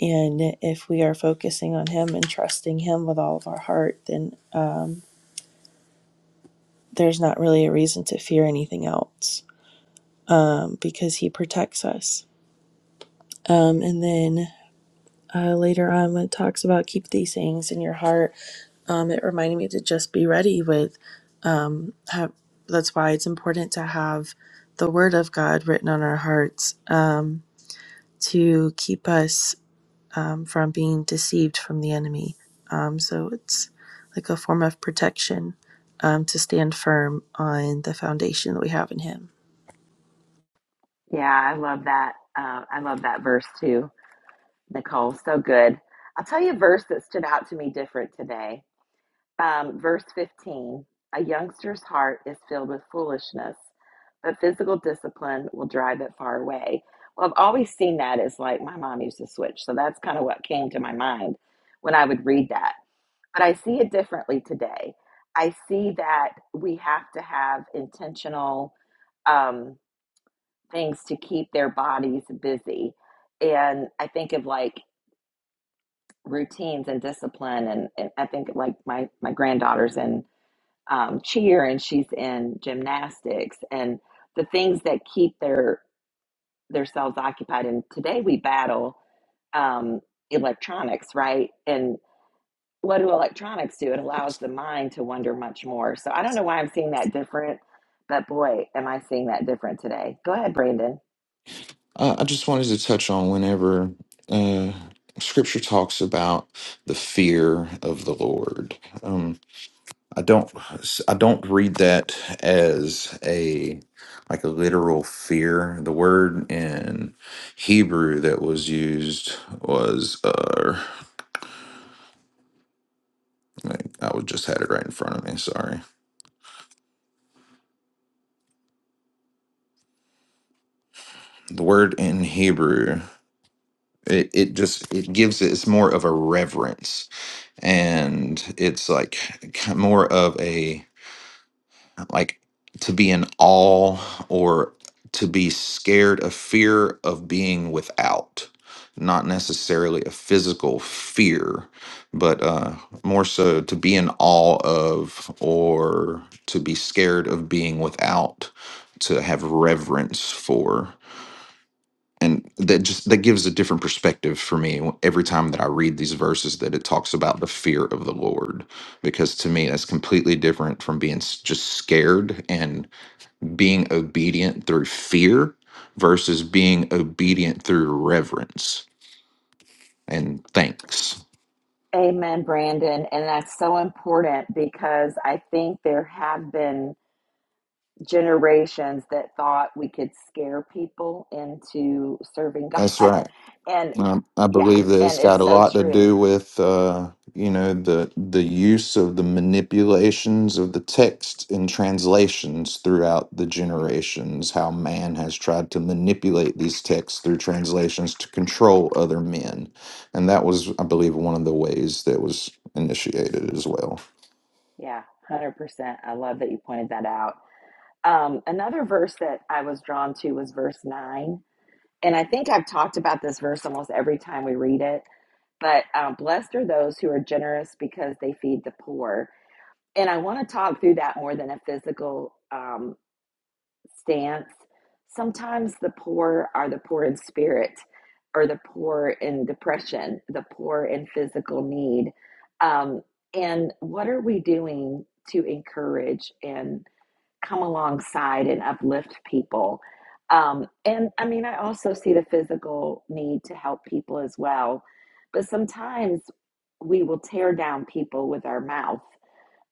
[SPEAKER 7] And if we are focusing on Him and trusting Him with all of our heart, then uh, there's not really a reason to fear anything else um, because He protects us. Um, and then uh, later on, when it talks about keep these things in your heart, um, it reminded me to just be ready with have, that's why it's important to have the word of god written on our hearts um, to keep us um, from being deceived from the enemy. Um, so it's like a form of protection um, to stand firm on the foundation that we have in Him.
[SPEAKER 1] Yeah, I love that. Uh, I love that verse too, Nicole. So good. I'll tell you a verse that stood out to me different today. Um, verse 15 A youngster's heart is filled with foolishness, but physical discipline will drive it far away. Well, I've always seen that as like my mom used to switch. So that's kind of what came to my mind when I would read that. But I see it differently today. I see that we have to have intentional um, things to keep their bodies busy. And I think of like routines and discipline. And, and I think like my, my granddaughters in um, cheer and she's in gymnastics and the things that keep their their selves occupied and today we battle um, electronics right and what do electronics do it allows the mind to wonder much more so i don't know why i'm seeing that different but boy am i seeing that different today go ahead brandon
[SPEAKER 3] i, I just wanted to touch on whenever uh scripture talks about the fear of the lord Um, I don't I don't read that as a like a literal fear. The word in Hebrew that was used was uh like, I would just had it right in front of me, sorry. The word in Hebrew it, it just it gives it it's more of a reverence and it's like ki- more of a like to be in awe or to be scared of fear of being without not necessarily a physical fear but uh more so to be in awe of or to be scared of being without to have reverence for and that just that gives a different perspective for me every time that i read these verses that it talks about the fear of the lord because to me that's completely different from being s- just scared and being obedient through fear versus being obedient through reverence and thanks.
[SPEAKER 1] amen brandon and that's so important because i think there have been generations that thought we could scare people into serving god
[SPEAKER 3] That's right.
[SPEAKER 1] And
[SPEAKER 3] Um, I
[SPEAKER 1] yeah,
[SPEAKER 3] believe that
[SPEAKER 1] and
[SPEAKER 3] it's got
[SPEAKER 1] it's
[SPEAKER 3] a
[SPEAKER 1] so
[SPEAKER 3] lot to
[SPEAKER 1] true.
[SPEAKER 3] do with uh, you know the the use of the manipulations of the text in translations throughout the generations. How man has tried to manipulate these texts through translations to control other men, and that was, I believe, one of the ways that was initiated as well.
[SPEAKER 1] Yeah, 100%. I love that you pointed that out. Um, another verse that I was drawn to was verse 9. And I think I've talked about this verse almost every time we read it. But uh, blessed are those who are generous because they feed the poor. And I want to talk through that more than a physical. Um, stance. Sometimes the poor are the poor in spirit, or the poor in depression, the poor in physical need. Um, and what are we doing to encourage and come alongside and uplift people? Um, and I mean, I also see the physical need to help people as well. But sometimes we will tear down people with our mouth,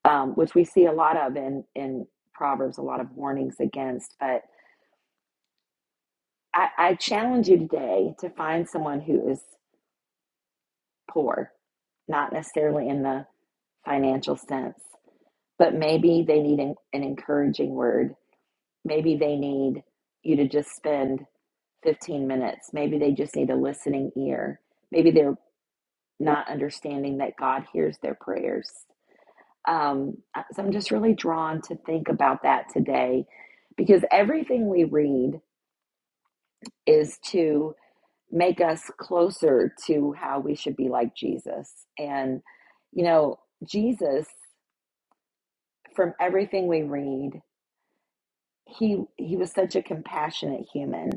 [SPEAKER 1] um, which we see a lot of in, in Proverbs, a lot of warnings against. But I, I challenge you today to find someone who is poor, not necessarily in the financial sense, but maybe they need an, an encouraging word. Maybe they need you to just spend 15 minutes. Maybe they just need a listening ear. Maybe they're not understanding that God hears their prayers. Um, so I'm just really drawn to think about that today because everything we read is to make us closer to how we should be like Jesus. And you know, Jesus from everything we read, he he was such a compassionate human.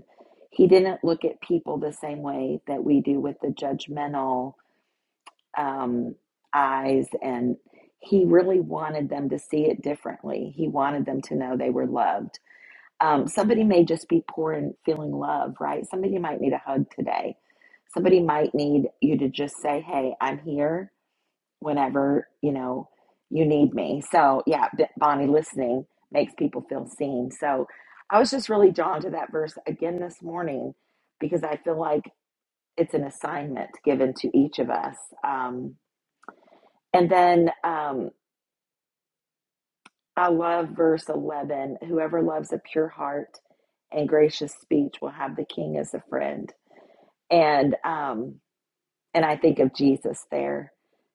[SPEAKER 1] He didn't look at people the same way that we do with the judgmental um, eyes and he really wanted them to see it differently. He wanted them to know they were loved Um, somebody may just be poor and feeling love, right? Somebody might need a hug today. Somebody might need you to just say, "Hey, I'm here whenever you know you need me." So, yeah, B- Bonnie, listening makes people feel seen. So, I was just really drawn to that verse again this morning because I feel like it's an assignment given to each of us. Um, and then. um, I love verse 11. Whoever loves a pure heart and gracious speech will have the king as a friend. And um and I think of Jesus there.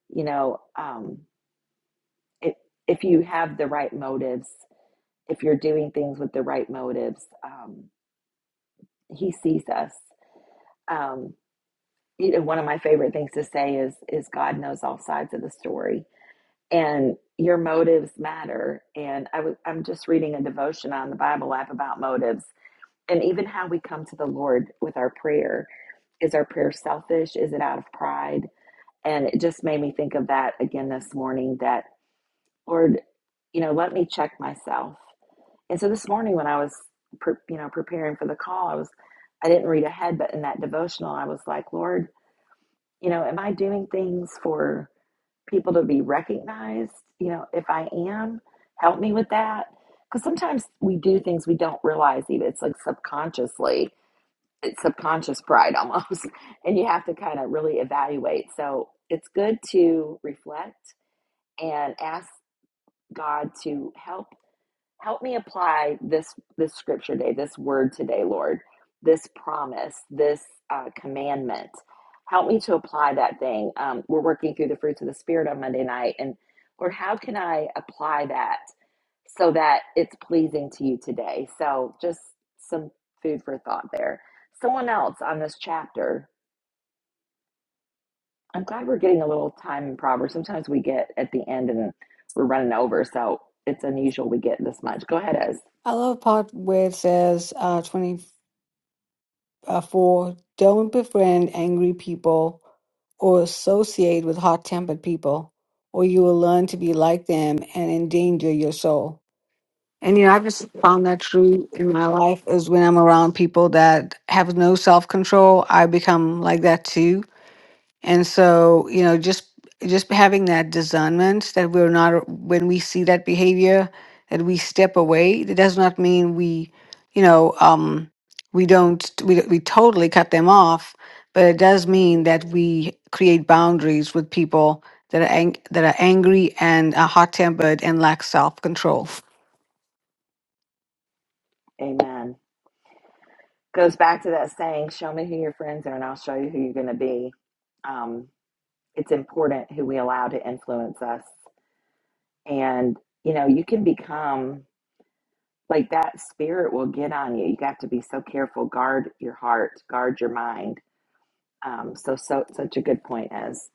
[SPEAKER 1] You know, um if if you have the right motives, if you're doing things with the right motives, um he sees us. Um you know, one of my favorite things to say is is God knows all sides of the story and your motives matter. And I was I'm just reading a devotion on the Bible app about motives And even how we come to the Lord with our prayer. Is our prayer selfish? Is it out of pride? And it just made me think of that again this morning that, Lord, you know, let me check myself. And so this morning when I was, pre- you know, preparing for the call, I was, I didn't read ahead, but in that devotional, I was like, Lord, you know, am I doing things for people to be recognized? You know, if I am, help me with that. Because sometimes we do things we don't realize even. It's like subconsciously it's subconscious pride almost and you have to kind of really evaluate so it's good to reflect and ask god to help help me apply this this scripture day this word today lord this promise this uh, commandment help me to apply that thing um, we're working through the fruits of the spirit on monday night and lord how can i apply that so that it's pleasing to you today. So, just some food for thought there. Someone else on this chapter, I'm glad we're getting a little time in Proverbs. Sometimes we get at the end and we're running over, so it's unusual we get this much. Go ahead, Ez.
[SPEAKER 2] I love part where it says uh, 24, don't befriend angry people or associate with hot tempered people, or you will learn to be like them and endanger your soul. And you know, I've just found that true in my life is when I'm around people that have no self control, I become like that too. And so, you know, just just having that discernment that we're not uh, when we see that behavior that we step away. That does not mean we, you know, um, we don't we we totally cut them off, but it does mean that we create boundaries with people that are ang- that are angry and are hot tempered and lack self control.
[SPEAKER 1] Amen. Goes back to that saying, show me who your friends are and I'll show you who you're going to be. Um, it's important who we allow to influence us. And, you know, you can become like that spirit will get on you. You have to be so careful. Guard your heart, guard your mind. Um, so, so, such a good point as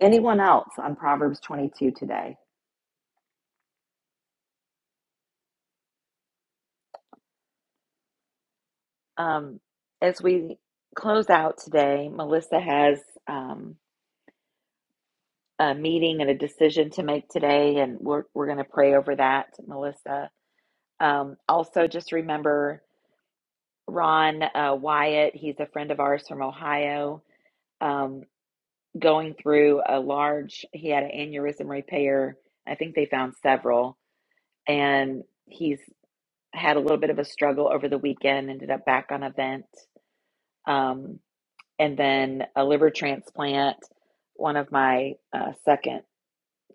[SPEAKER 1] anyone else on Proverbs 22 today. Um, as we close out today, Melissa has um, a meeting and a decision to make today, and we're, we're going to pray over that, Melissa. Um, also, just remember Ron uh, Wyatt. He's a friend of ours from Ohio. Um, going through a large, he had an aneurysm repair. I think they found several, and he's had a little bit of a struggle over the weekend. Ended up back on a vent, um, and then a liver transplant. One of my uh, second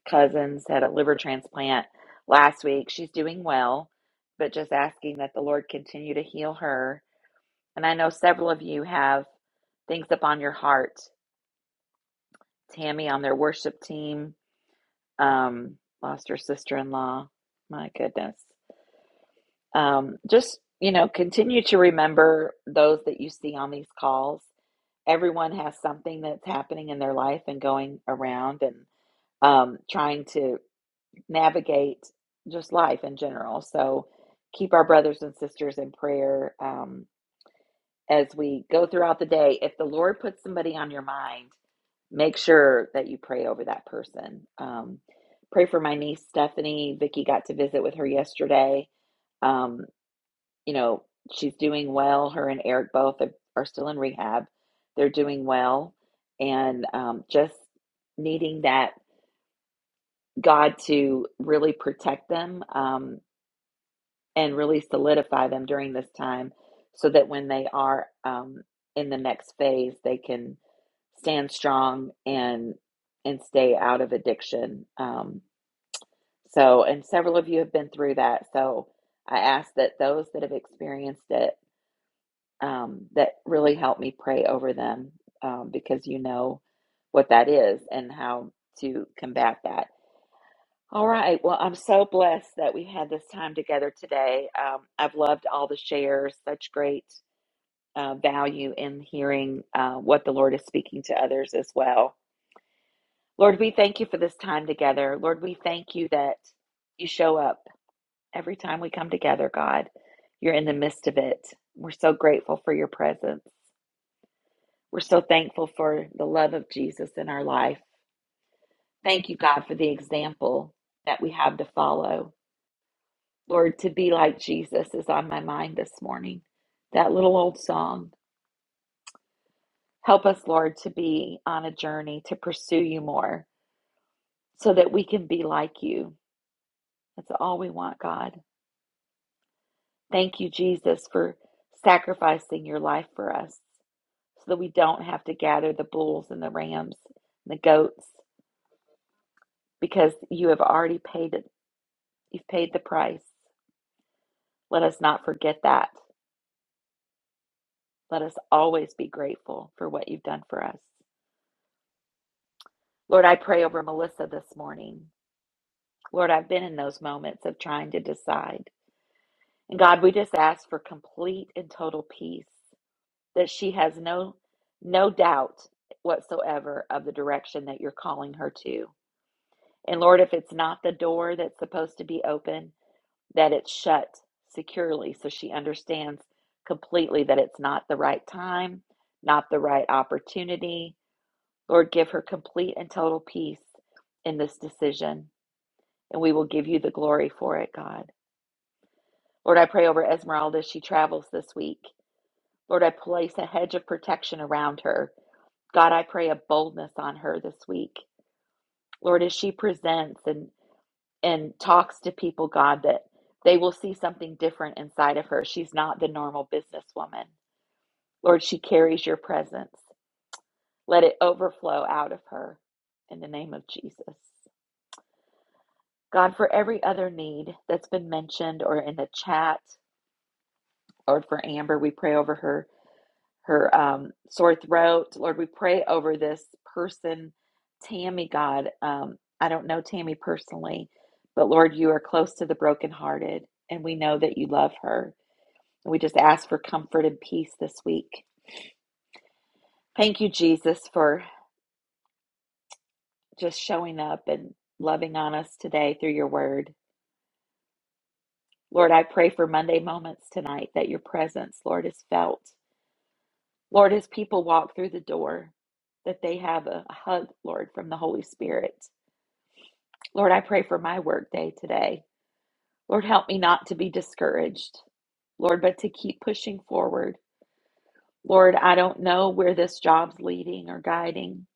[SPEAKER 1] cousins had a liver transplant last week. She's doing well, but just asking that the Lord continue to heal her And I know several of you have things up on your heart. Tammy on their worship team, um, lost her sister in law. My goodness. Um, just, you know, continue to remember those that you see on these calls. Everyone has something that's happening in their life and going around and um, trying to navigate just life in general. So keep our brothers and sisters in prayer um, as we go throughout the day. If the Lord puts somebody on your mind, make sure that you pray over that person. Um, pray for my niece Stephanie. Vicky got to visit with her yesterday. Um, you know, she's doing well. Her and Eric both are, are still in rehab. They're doing well, and um, just needing that God to really protect them. Um, and really solidify them during this time so that when they are um, in the next phase, they can stand strong and and stay out of addiction. Um, so, and several of you have been through that. So, I ask that those that have experienced it um, that really help me pray over them um, because you know what that is and how to combat that all right. Well, I'm so blessed that we had this time together today. Um, I've loved all the shares, such great uh, value in hearing uh, what the Lord is speaking to others as well. Lord, we thank you for this time together. Lord, we thank you that you show up every time we come together, God. You're in the midst of it. We're so grateful for your presence. We're so thankful for the love of Jesus in our life. Thank you, God, for the example that we have to follow. Lord, to be like Jesus is on my mind this morning. That little old song. Help us, Lord, to be on a journey to pursue you more so that we can be like you. That's all we want, God. Thank you, Jesus, for sacrificing your life for us so that we don't have to gather the bulls and the rams and the goats because you have already paid it. You've paid the price. Let us not forget that. Let us always be grateful for what you've done for us. Lord, I pray over Melissa this morning. Lord, I've been in those moments of trying to decide. And God, we just ask for complete and total peace that she has no no doubt whatsoever of the direction that you're calling her to. And Lord, if it's not the door that's supposed to be open, that it's shut securely so she understands completely that it's not the right time, not the right opportunity. Lord, give her complete and total peace in this decision. and we will give you the glory for it, God. Lord, I pray over Esmeralda as she travels this week. Lord, I place a hedge of protection around her. God, I pray a boldness on her this week. Lord, as she presents and and talks to people, God, that they will see something different inside of her. She's not the normal businesswoman. Lord, she carries your presence. Let it overflow out of her in the name of Jesus. God, for every other need that's been mentioned or in the chat, Lord, for Amber, we pray over her her um, sore throat. Lord, we pray over this person, Tammy. God, um, I don't know Tammy personally, but Lord, you are close to the brokenhearted, and we know that you love her. And we just ask for comfort and peace this week. Thank you, Jesus, for just showing up and loving on us today through your word. Lord, I pray for Monday moments tonight that your presence, Lord, is felt Lord, as people walk through the door, that they have a hug, Lord, from the Holy Spirit. Lord, I pray for my work day today. Lord, help me not to be discouraged, Lord, but to keep pushing forward. Lord, I don't know where this job's leading or guiding.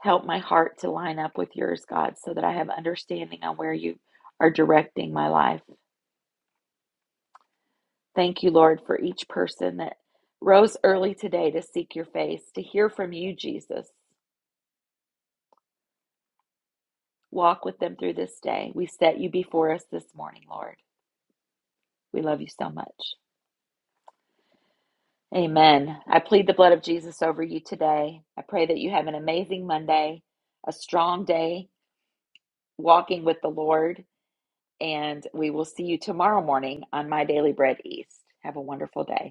[SPEAKER 1] Help my heart to line up with yours, God, so that I have understanding on where you are directing my life. Thank you, Lord, for each person that rose early today to seek your face, to hear from you, Jesus. Walk with them through this day. We set you before us this morning, Lord. We love you so much. Amen. I plead the blood of Jesus over you today. I pray that you have an amazing Monday, a strong day walking with the Lord, and we will see you tomorrow morning on My Daily Bread East. Have a wonderful day.